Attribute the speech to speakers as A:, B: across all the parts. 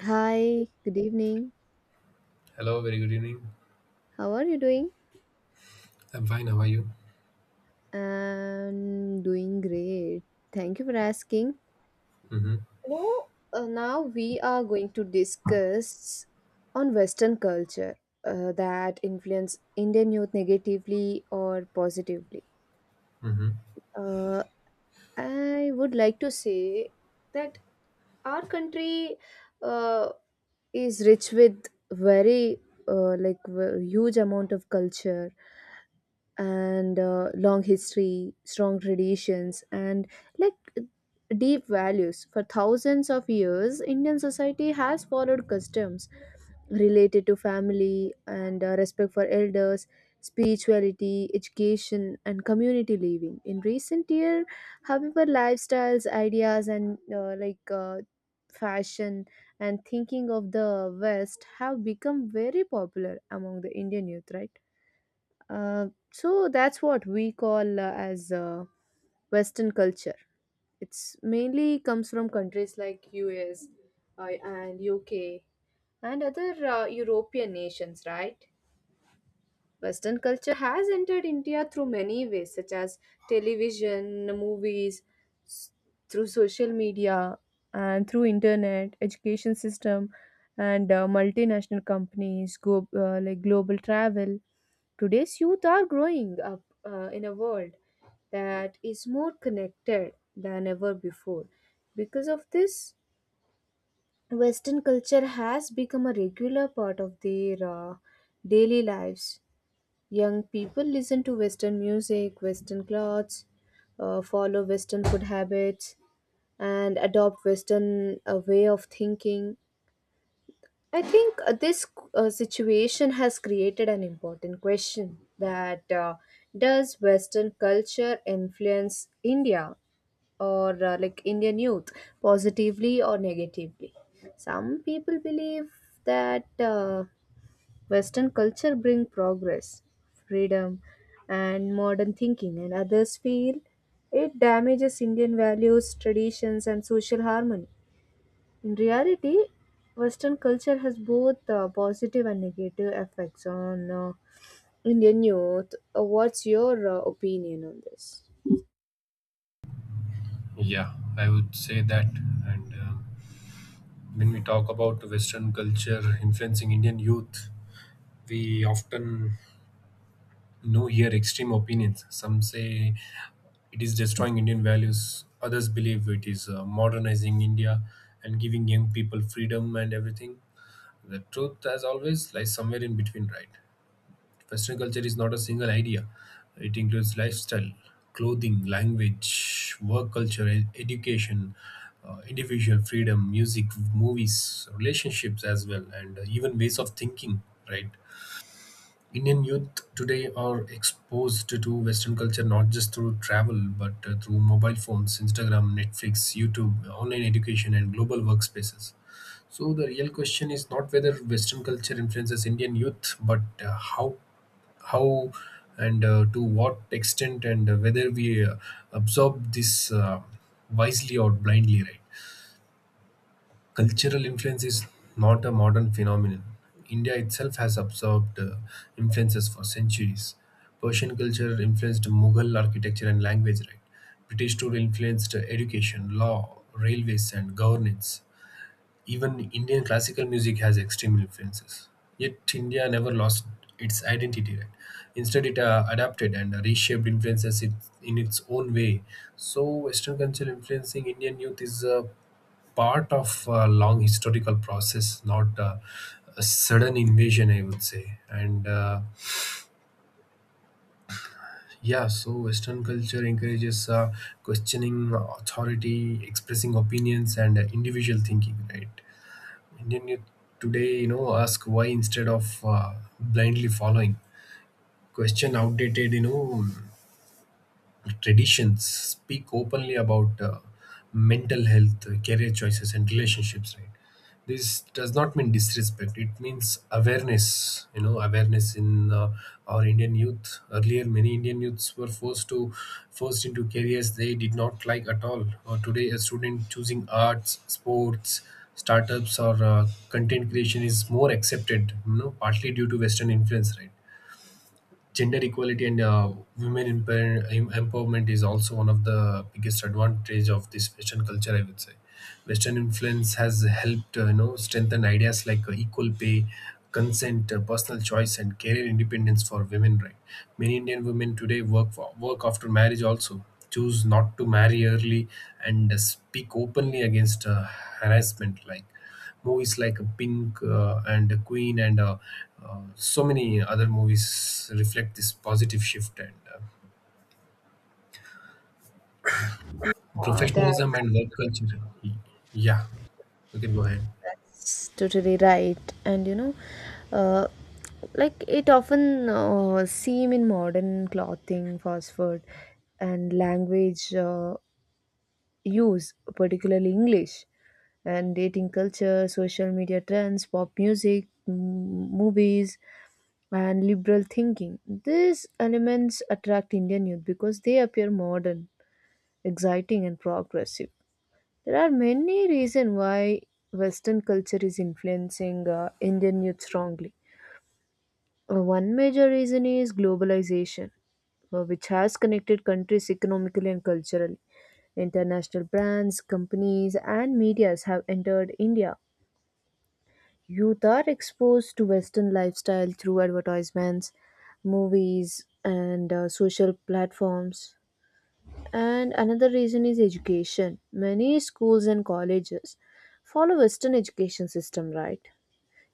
A: Hi, good evening.
B: Hello, very good evening.
A: How are you doing?
B: I'm fine. How are you?
A: I'm doing great. Thank you for asking.
B: hmm
A: Now we are going to discuss on Western culture that influence Indian youth negatively or positively.
B: hmm
A: Uh, I would like to say that our country uh, is rich with very huge amount of culture and long history, strong traditions, and like deep values. For thousands of years, Indian society has followed customs related to family and respect for elders, spirituality, education, and community living. In recent years, however, lifestyles, ideas, and fashion and thinking of the West have become very popular among the Indian youth, right? Uh, so that's what we call as Western culture. It's mainly comes from countries like US and UK and other European nations, right? Western culture has entered India through many ways, such as television, movies, s- through social media, and through internet, education system, and multinational companies, go like global travel. Today's youth are growing up in a world that is more connected than ever before. Because of this, Western culture has become a regular part of their daily lives. Young people listen to Western music, Western clothes, follow Western food habits, and adopt Western way of thinking. I think this situation has created an important question that does Western culture influence India or Indian youth positively or negatively? Some people believe that Western culture bring progress, freedom, and modern thinking, and others feel it damages Indian values, traditions, and social harmony. In reality, Western culture has both positive and negative effects on Indian youth. What's your opinion on this?
B: Yeah, I would say that. And When we talk about Western culture influencing Indian youth, we often know hear extreme opinions. Some say it is destroying Indian values. Others believe it is modernizing India and giving young people freedom and everything. The truth, as always, lies somewhere in between, right? Western culture is not a single idea. It includes lifestyle, clothing, language, work culture, education, individual freedom, music, movies, relationships as well, and even ways of thinking, right? Indian youth today are exposed to Western culture not just through travel but through mobile phones, Instagram, Netflix, YouTube, online education, and global workspaces. So the real question is not whether Western culture influences Indian youth, but how how and to what extent, and whether we absorb this wisely or blindly, right? Cultural influence is not a modern phenomenon. India itself has absorbed influences for centuries. Persian culture influenced Mughal architecture and language, right? British tour influenced education, law, railways, and governance. Even Indian classical music has extreme influences. Yet India never lost its identity, right? Instead, it adapted and reshaped influences it in its own way. So, Western culture influencing Indian youth is a part of a long historical process, not a sudden invasion, I would say. And Yeah, so Western culture encourages questioning authority, expressing opinions, and individual thinking, right? And then you today, you know, ask why instead of blindly following. Question outdated, you know, traditions. Speak openly about mental health, career choices, and relationships, right? This does not mean disrespect. It means awareness. You know, awareness in our Indian youth. Earlier, many Indian youths were forced into careers they did not like at all. Or today, a student choosing arts, sports, startups, or content creation is more accepted. You know, partly due to Western influence, right? Gender equality and empowerment is also one of the biggest advantage of this Western culture, I would say. Western influence has helped, you know, strengthen ideas like equal pay, consent, personal choice, and career independence for women, right? Many Indian women today work after marriage, also choose not to marry early, and speak openly against harassment. Like movies like Pink and Queen, and so many other movies reflect this positive shift, and
A: Uh, that-
B: professionalism and work culture. Yeah, you can go ahead.
A: that's totally right. And you know, uh, it often seem in modern clothing, fast food, and language use, particularly English, and dating culture, social media trends, pop music, movies, and liberal thinking. These elements attract Indian youth because they appear modern, exciting, and progressive. There are many reasons why Western culture is influencing Indian youth strongly. One major reason is globalization, which has connected countries economically and culturally. International brands, companies, and medias have entered India. Youth are exposed to Western lifestyle through advertisements, movies, and social platforms. And another reason is education. Many schools and colleges follow Western education system, right?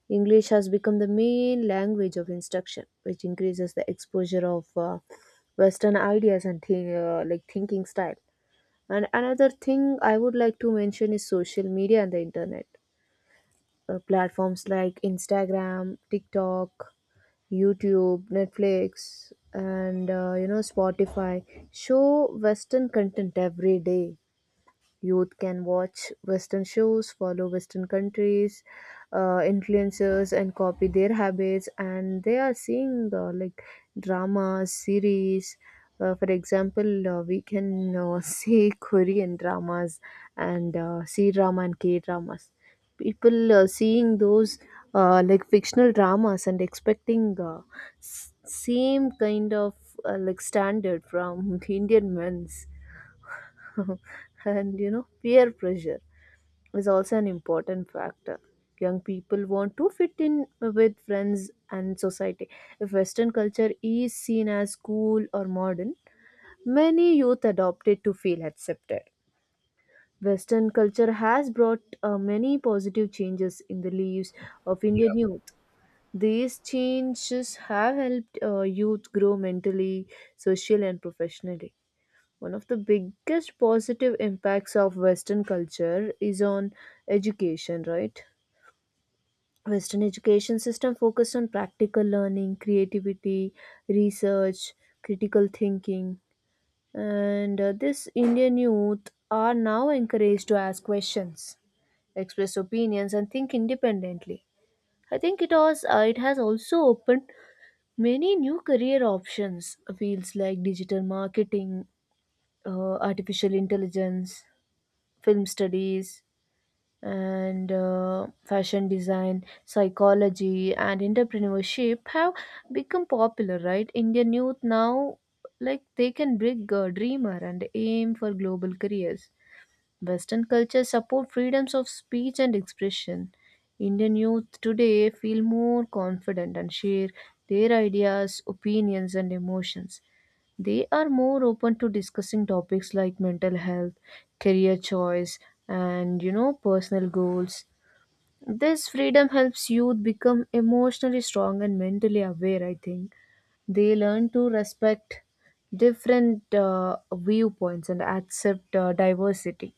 A: English has become the main language of instruction, which increases the exposure of Western ideas and thinking style. And another thing I would like to mention is social media and the internet platforms like Instagram, TikTok, YouTube, Netflix, and Spotify show Western content every day. Youth can watch Western shows, follow Western countries, influencers, and copy their habits. And they are seeing dramas, series. For example, we can see Korean dramas and C drama and K dramas. People seeing those fictional dramas and expecting same kind of standard from Indian men's and you know, peer pressure is also an important factor. Young people want to fit in with friends and society. If Western culture is seen as cool or modern, many youth adopt it to feel accepted. Western culture has brought many positive changes in the lives of
B: Yeah,
A: Indian youth. These changes have helped youth grow mentally, socially, and professionally. One of the biggest positive impacts of Western culture is on education, right? Western education system focused on practical learning, creativity, research, critical thinking, and this Indian youth are now encouraged to ask questions, express opinions, and think independently. I think it has also opened many new career options, fields like digital marketing, artificial intelligence, film studies, and fashion design, psychology, and entrepreneurship have become popular, right? Indian youth now, like, they can bring a dreamer and aim for global careers. Western culture support freedoms of speech and expression. Indian youth today feel more confident and share their ideas, opinions, and emotions. They are more open to discussing topics like mental health, career choice, and you know, personal goals. This freedom helps youth become emotionally strong and mentally aware, I think. They learn to respect different viewpoints and accept diversity.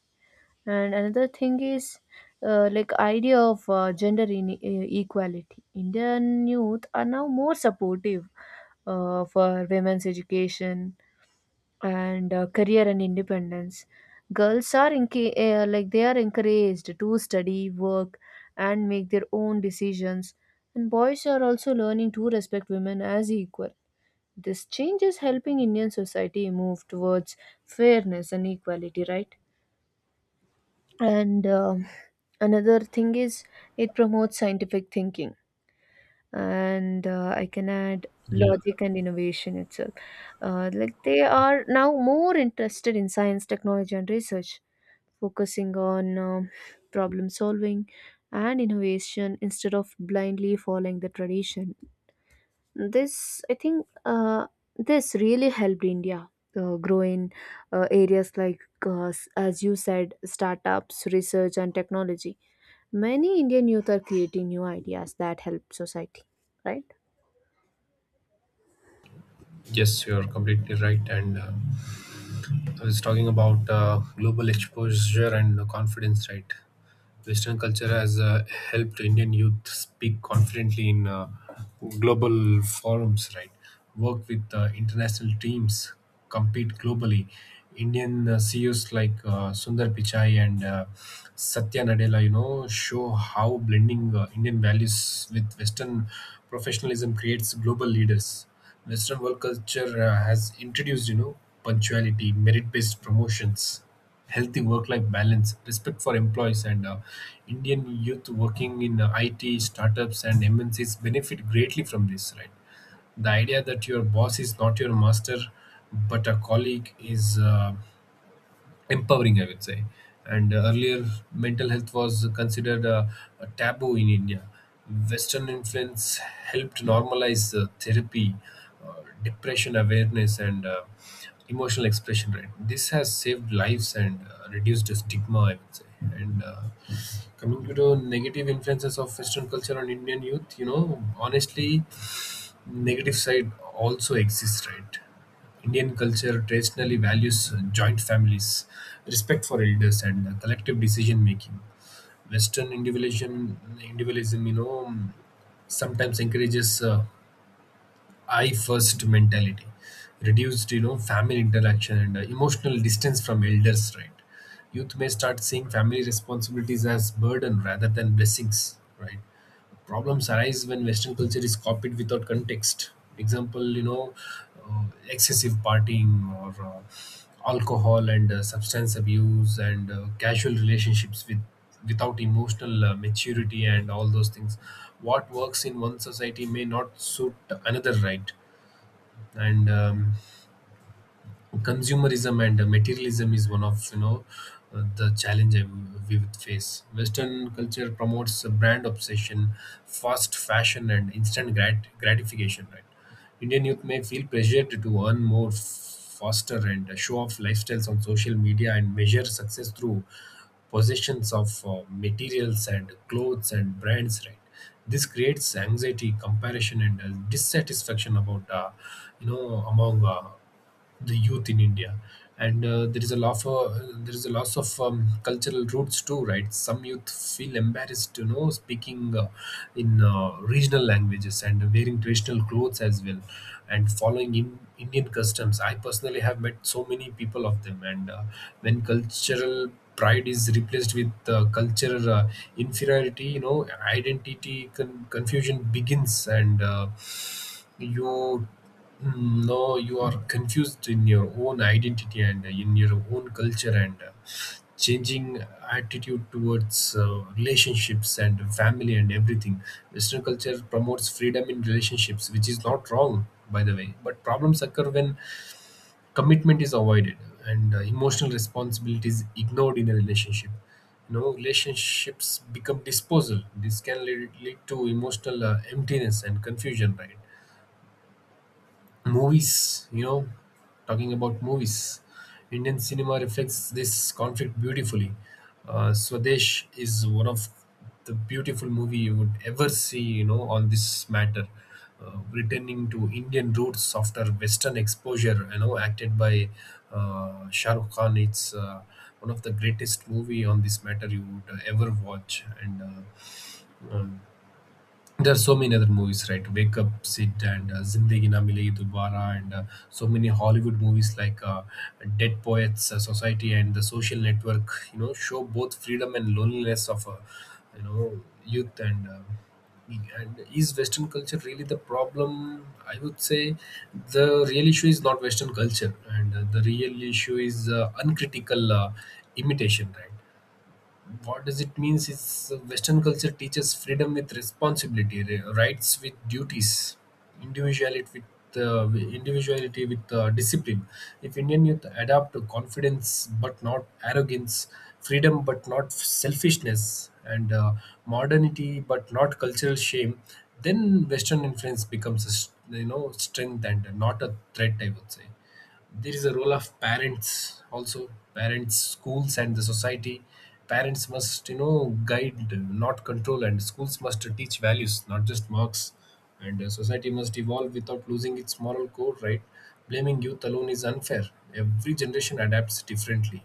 A: And another thing is idea of equality. Indian youth are now more supportive for women's education and career and independence. Girls are enc- like they are encouraged to study, work, and make their own decisions. And boys are also learning to respect women as equal. This change is helping Indian society move towards fairness and equality, right? And another thing is it promotes scientific thinking, and I can add
B: yeah.
A: logic and innovation itself. They are now more interested in science, technology, and research, focusing on problem solving and innovation instead of blindly following the tradition. This, I think, uh, this really helped India grow in areas like, as you said, startups, research, and technology. Many Indian youth are creating new ideas that help society, right?
B: Yes, you're completely right. And I was talking about global exposure and confidence, right? Western culture has helped Indian youth speak confidently in global forums, right? Work with international teams, compete globally. Indian CEOs like Sundar Pichai and Satya Nadella, you know, show how blending Indian values with Western professionalism creates global leaders. Western work culture has introduced, you know, punctuality, merit-based promotions, healthy work-life balance, respect for employees, and Indian youth working in IT startups and MNCs benefit greatly from this. Right, the idea that your boss is not your master but a colleague is empowering, I would say. And Earlier, mental health was considered a taboo in India. Western influence helped normalize therapy, depression awareness, and emotional expression, right? This has saved lives and reduced the stigma, I would say. And Coming to the negative influences of Western culture on Indian youth, you know, honestly, negative side also exists, right? Indian culture traditionally values joint families, respect for elders, and collective decision making. Individualism, you know, sometimes encourages "I first" mentality, reduced, you know, family interaction, and emotional distance from elders. Right, youth may start seeing family responsibilities as burden rather than blessings. Right, problems arise when Western culture is copied without context. Example, you know, excessive partying or alcohol, and substance abuse, and casual relationships without emotional maturity and all those things. What works in one society may not suit another, right? And Consumerism and materialism is one of, you know, the challenge we would face. Western culture promotes a brand obsession, fast fashion, and instant gratification, right? Indian youth may feel pressured to earn more faster and show off lifestyles on social media, and measure success through possessions of materials and clothes and brands, right? This creates anxiety, comparison, and dissatisfaction about you know among the youth in India. And There is a lot of there is a loss of cultural roots too, right? Some youth feel embarrassed, you know, speaking in regional languages and wearing traditional clothes as well, and following in Indian customs. I personally have met so many people of them. And When cultural pride is replaced with cultural inferiority, you know, identity confusion begins. And you no, you are confused in your own identity and in your own culture, and changing attitude towards relationships and family and everything. Western culture promotes freedom in relationships, which is not wrong, by the way. But problems occur when commitment is avoided and emotional responsibility is ignored in a relationship. You know, relationships become disposal. This can lead to emotional emptiness and confusion, right? Movies, you know, talking about movies, Indian cinema reflects this conflict beautifully. Swadesh is one of the beautiful movie you would ever see, you know, on this matter. Returning to Indian roots after Western exposure, you know, acted by Shah Rukh Khan, it's one of the greatest movie on this matter you would ever watch. And um, there are so many other movies, right? Wake Up Sid, and Zindagi Na Milegi Dobara, and so many Hollywood movies like Dead Poets Society, and The Social Network, you know, show both freedom and loneliness of you know youth. And is Western culture really the problem? I would say the real issue is not Western culture, and the real issue is uncritical imitation, right? What does it means is Western culture teaches freedom with responsibility, rights with duties, individuality with uh, individuality with discipline. If Indian youth adapt to confidence but not arrogance, freedom but not selfishness, and modernity but not cultural shame, then Western influence becomes a you know, strength and not a threat, I would say. There is a role of parents also. Parents schools and the society Parents, must, you know, guide not control, and schools must teach values not just marks, and society must evolve without losing its moral core, right? Blaming youth alone is unfair. Every generation adapts differently.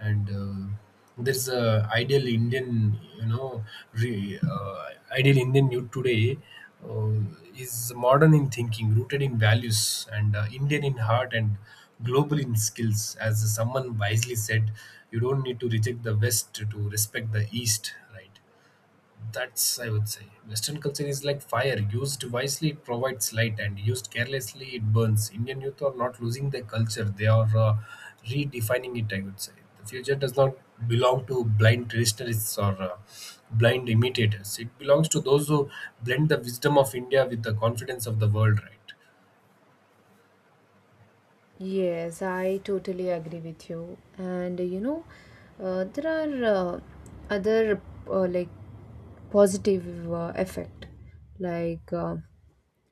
B: And There's a ideal Indian, you know, ideal Indian youth today uh, is modern in thinking, rooted in values, and Indian in heart and global in skills. As someone wisely said, you don't need to reject the West to respect the East, right? That's, I would say, Western culture is like fire. Used wisely, it provides light, and used carelessly, it burns. Indian youth are not losing their culture, they are redefining it, I would say. The future does not belong to blind traditionalists or blind imitators, it belongs to those who blend the wisdom of India with the confidence of the world, right?
A: Yes, I totally agree with you. And you know, there are other uh, like positive effect, like uh,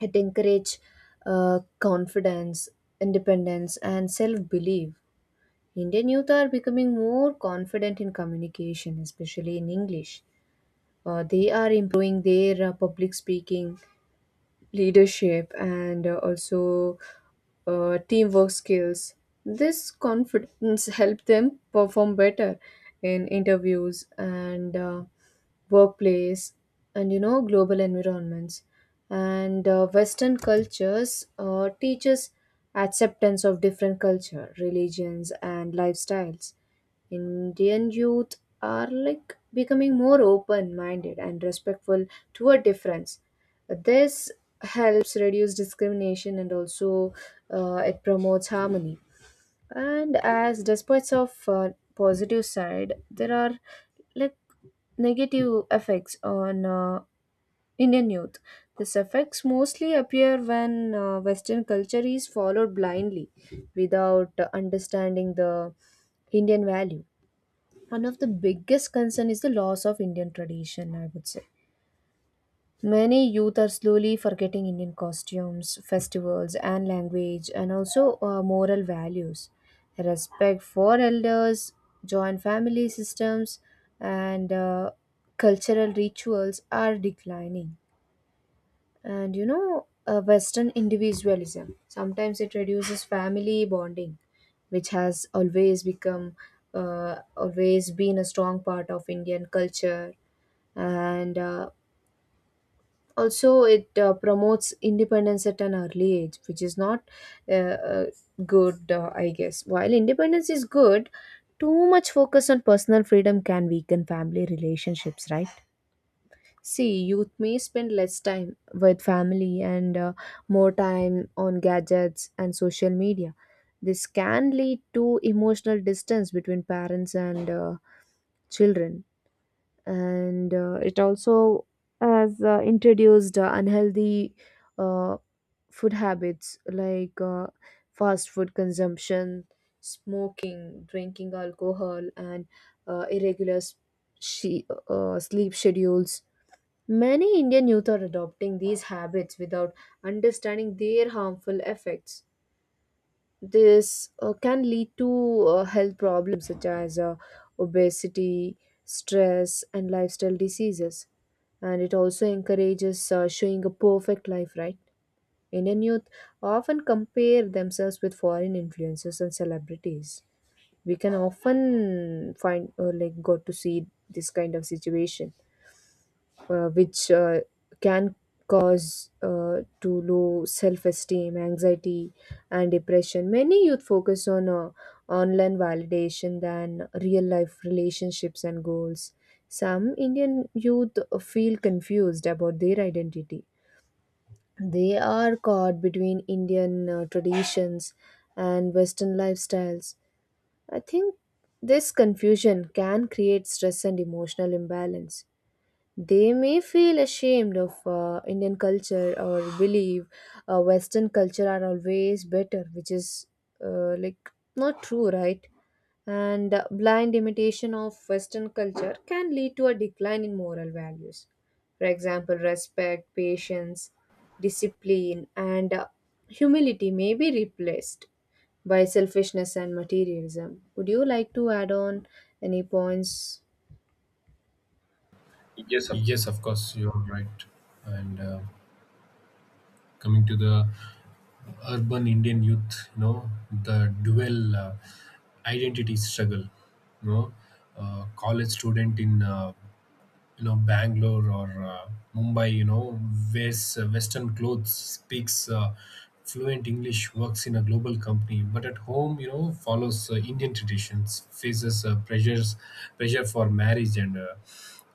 A: it encourage confidence, independence, and self belief. Indian youth are becoming more confident in communication, especially in English. They are improving their public speaking, leadership, and also teamwork skills. This confidence helped them perform better in interviews and workplace and you know global environments. And Western cultures teaches acceptance of different culture, religions, and lifestyles. Indian youth are like becoming more open minded and respectful toward difference. This helps reduce discrimination, and also it promotes harmony. And as despite of positive side, there are like negative effects on Indian youth. These effects mostly appear when Western culture is followed blindly without understanding the Indian value. One of the biggest concern is the loss of Indian tradition, I would say. Many youth are slowly forgetting Indian costumes, festivals, and language, and also moral values. Respect for elders, joint family systems, and cultural rituals are declining. And you know, Western individualism sometimes it reduces family bonding, which has always become always been a strong part of Indian culture. And. Also it promotes independence at an early age, which is not uh, uh, good, I guess. While independence is good, too much focus on personal freedom can weaken family relationships, right? See, youth may spend less time with family and more time on gadgets and social media. This can lead to emotional distance between parents and children. And it also has introduced unhealthy uh, food habits like fast food consumption, smoking, drinking alcohol, and irregular sleep schedules. Many Indian youth are adopting these habits without understanding their harmful effects. This can lead to health problems such as obesity, stress, and lifestyle diseases. And it also encourages showing a perfect life, right? Indian youth often compare themselves with foreign influencers and celebrities. We can often find, got to see this kind of situation which can cause to low self-esteem, anxiety, and depression. Many youth focus on online validation than real-life relationships and goals. Some Indian youth feel confused about their identity. They are caught between Indian traditions and Western lifestyles. I think this confusion can create stress and emotional imbalance. They may feel ashamed of Indian culture or believe Western culture are always better, which is not true, right? And blind imitation of Western culture can lead to a decline in moral values. For example, respect, patience, discipline, and humility may be replaced by selfishness and materialism. Would you like to add on any points? Yes, of course.
B: Yes, of course, you're right. And Coming to the urban Indian youth, you know, the dual identity struggle, you know, college student in, you know, Bangalore or Mumbai, you know, wears Western clothes, speaks fluent English, works in a global company, but at home, you know, follows Indian traditions, faces pressure for marriage, and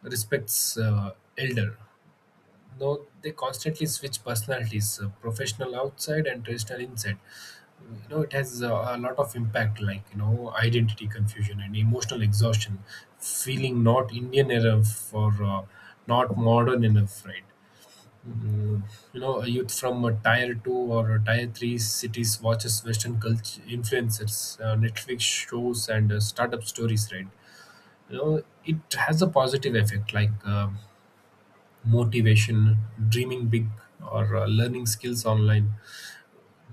B: respects elder. Though they constantly switch personalities, professional outside and traditional inside. Mm, you know, it has a lot of impact, like, you know, identity confusion and emotional exhaustion, feeling not Indian enough or not modern enough, right? Mm, you know, a youth from a tier two or a tier three cities watches Western culture influencers, Netflix shows, and startup stories, right? You know, it has a positive effect like motivation, dreaming big, or learning skills online.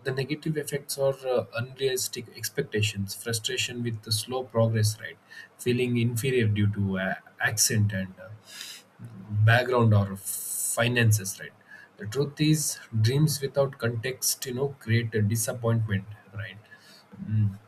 B: The negative effects are unrealistic expectations, frustration with the slow progress, right? Feeling inferior due to accent and background or finances, right? The truth is, dreams without context, you know, create a disappointment, right? Mm,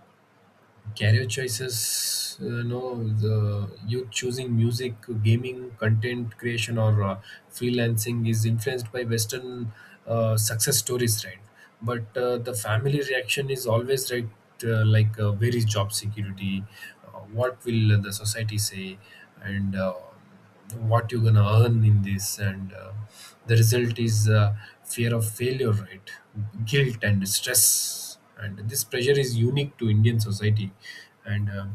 B: career choices, you know, the youth choosing music, gaming, content creation, or freelancing is influenced by Western success stories, right? But the family reaction is always right: where is job security? What will the society say? And what you're gonna earn in this? And the result is fear of failure, right? Guilt and stress. And this pressure is unique to Indian society. And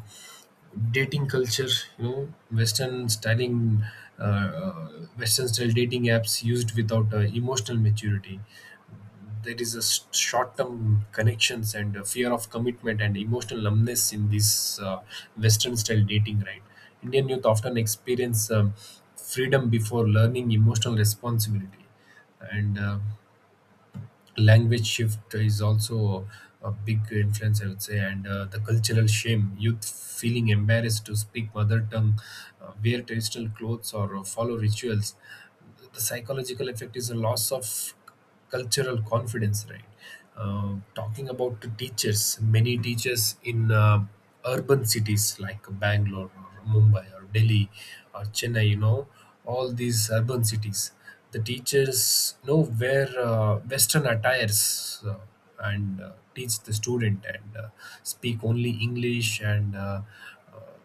B: dating culture, you know, Western styling, uh, uh, Western style dating apps used without emotional maturity. There is a short-term connections and a fear of commitment and emotional numbness in this Western-style dating, right? Indian youth often experience freedom before learning emotional responsibility. And language shift is also a big influence, I would say. And the cultural shame, youth feeling embarrassed to speak mother tongue, wear traditional clothes, or follow rituals. The psychological effect is a loss of cultural confidence, right? Talking about the teachers, many teachers in urban cities like Bangalore or Mumbai or Delhi or Chennai, you know, all these urban cities, the teachers, you know, wear Western attires, uh, and teach the student, and speak only English, and uh,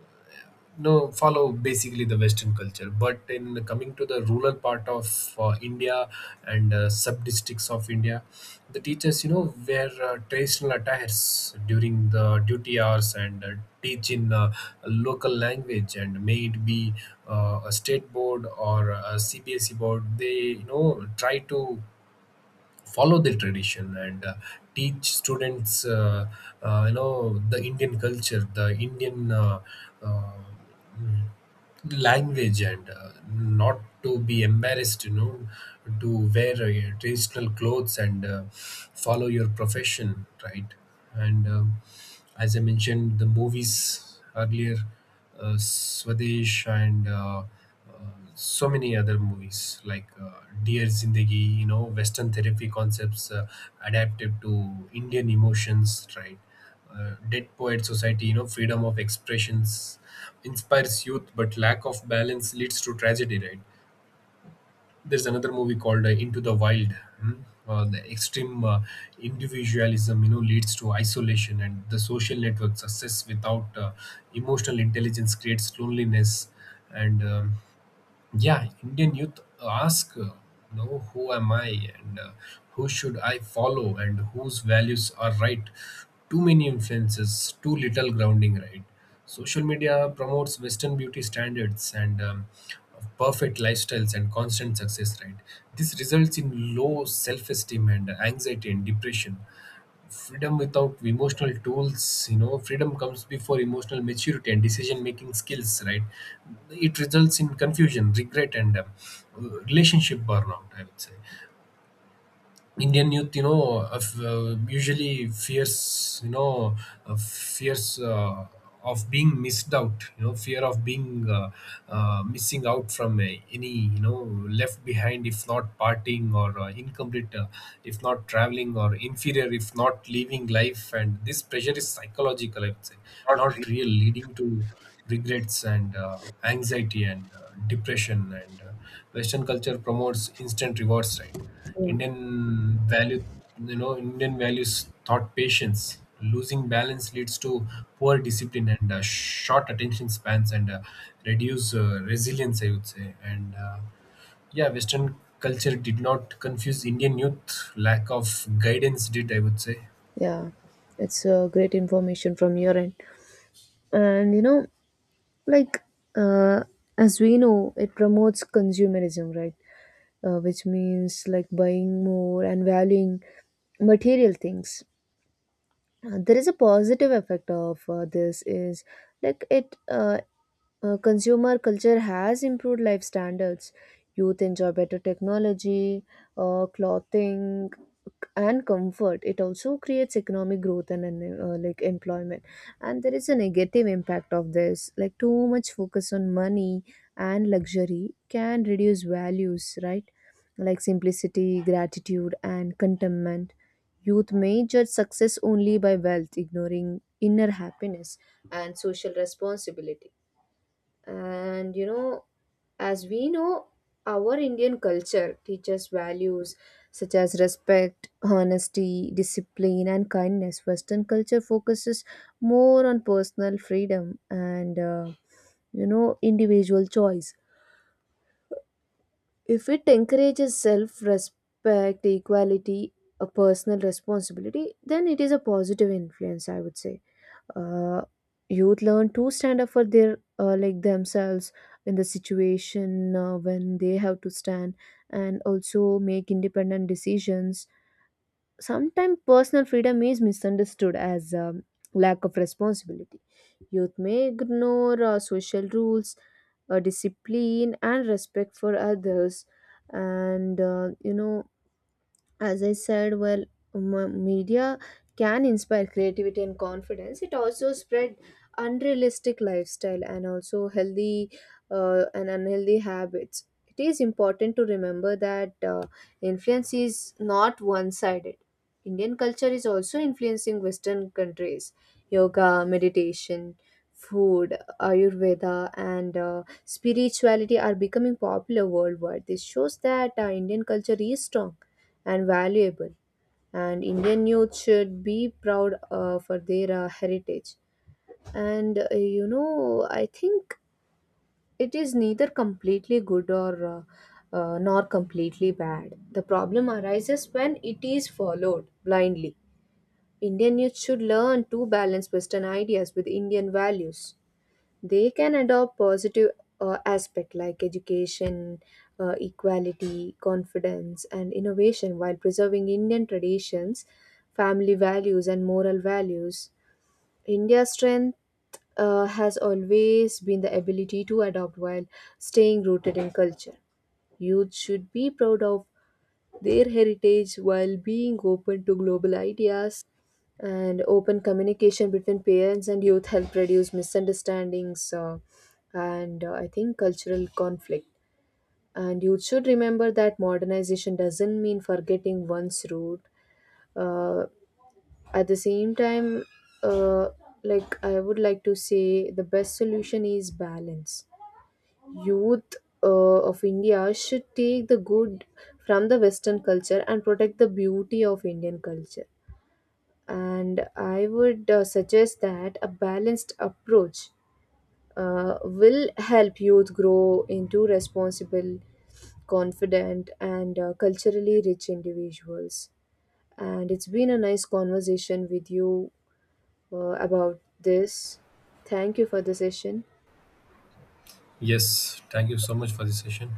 B: no, follow basically the Western culture. But in coming to the rural part of India and sub districts of India, the teachers, you know, wear traditional attires during the duty hours, and teach in a local language. And may it be a state board or a CBSE board, they, you know, try to follow the tradition and teach students you know, the Indian culture, the Indian uh, mm, language, and not to be embarrassed, you know, to wear traditional clothes and follow your profession, right? And as I mentioned, the movies earlier, Swadesh and so many other movies, like Dear Zindagi, you know, Western therapy concepts adapted to Indian emotions, right? Dead Poet Society, you know, freedom of expressions inspires youth, but lack of balance leads to tragedy, right? There's another movie called Into the Wild. Hmm? The extreme individualism, you know, leads to isolation, and the social network success without emotional intelligence creates loneliness. And yeah, Indian youth ask, you know, who am I? And who should I follow, and whose values are right? Too many influences, too little grounding, right? Social media promotes Western beauty standards and perfect lifestyles and constant success, right? This results in low self esteem and anxiety and depression. Freedom without emotional tools, you know, freedom comes before emotional maturity and decision making skills, right? It results in confusion, regret, and relationship burnout, I would say. Indian youth, you know, usually fears, uh, fears uh, of being missed out, you know, fear of being missing out from any, you know, left behind if not partying, or incomplete, if not traveling, or inferior if not living life. And this pressure is psychological, I would say,
A: Not really.
B: not real, leading to regrets and anxiety and depression. And Western culture promotes instant rewards, right?
A: Yeah.
B: Indian value, you know, Indian values taught patience. Losing balance leads to poor discipline and short attention spans and reduce resilience, I would say. And Yeah, Western culture did not confuse Indian youth. Lack of guidance did, I would say.
A: Yeah, it's great information from your end. And you know, like uh, as we know, it promotes consumerism, right? Which means like buying more and valuing material things. There is a positive effect of this is like it consumer culture has improved life standards. Youth enjoy better technology, clothing, and comfort. It also creates economic growth and employment. And there is a negative impact of this, like too much focus on money and luxury can reduce values, right? Like simplicity, gratitude, and contentment. Youth may judge success only by wealth, ignoring inner happiness and social responsibility. And you know, as we know, our Indian culture teaches values such as respect, honesty, discipline, and kindness. Western culture focuses more on personal freedom and individual choice. If it encourages self respect, equality, a personal responsibility, then it is a positive influence, I would say. Uh, Youth learn to stand up for their like themselves in the situation when they have to stand, and also make independent decisions. Sometimes personal freedom is misunderstood as lack of responsibility. Youth may ignore social rules, discipline, and respect for others. And you know as I said well m- media can inspire creativity and confidence. It also spread unrealistic lifestyle and also healthy and unhealthy habits. It is important to remember that influence is not one sided. Indian culture is also influencing Western countries. Yoga, meditation, food, ayurveda, and spirituality are becoming popular worldwide. This shows that Indian culture is strong and valuable. And Indian youth should be proud for their heritage. And I think it is neither completely good or nor completely bad. The problem arises when it is followed blindly. Indian youth should learn to balance Western ideas with Indian values. They can adopt positive aspect like education, equality, confidence, and innovation, while preserving Indian traditions, family values, and moral values. India's strength has always been the ability to adopt while staying rooted in culture. Youth should be proud of their heritage while being open to global ideas. And open communication between parents and youth help reduce misunderstandings and I think cultural conflict. And youth should remember that modernization doesn't mean forgetting one's root. Uh, at the same time, uh, I would like to say the best solution is balance. Youth uh, of India should take the good from the Western culture and protect the beauty of Indian culture. And I would suggest that a balanced approach will help youth grow into responsible, confident, and culturally rich individuals. And it's been a nice conversation with you about this. Thank you for the session.
B: Yes. Thank you so much for this session.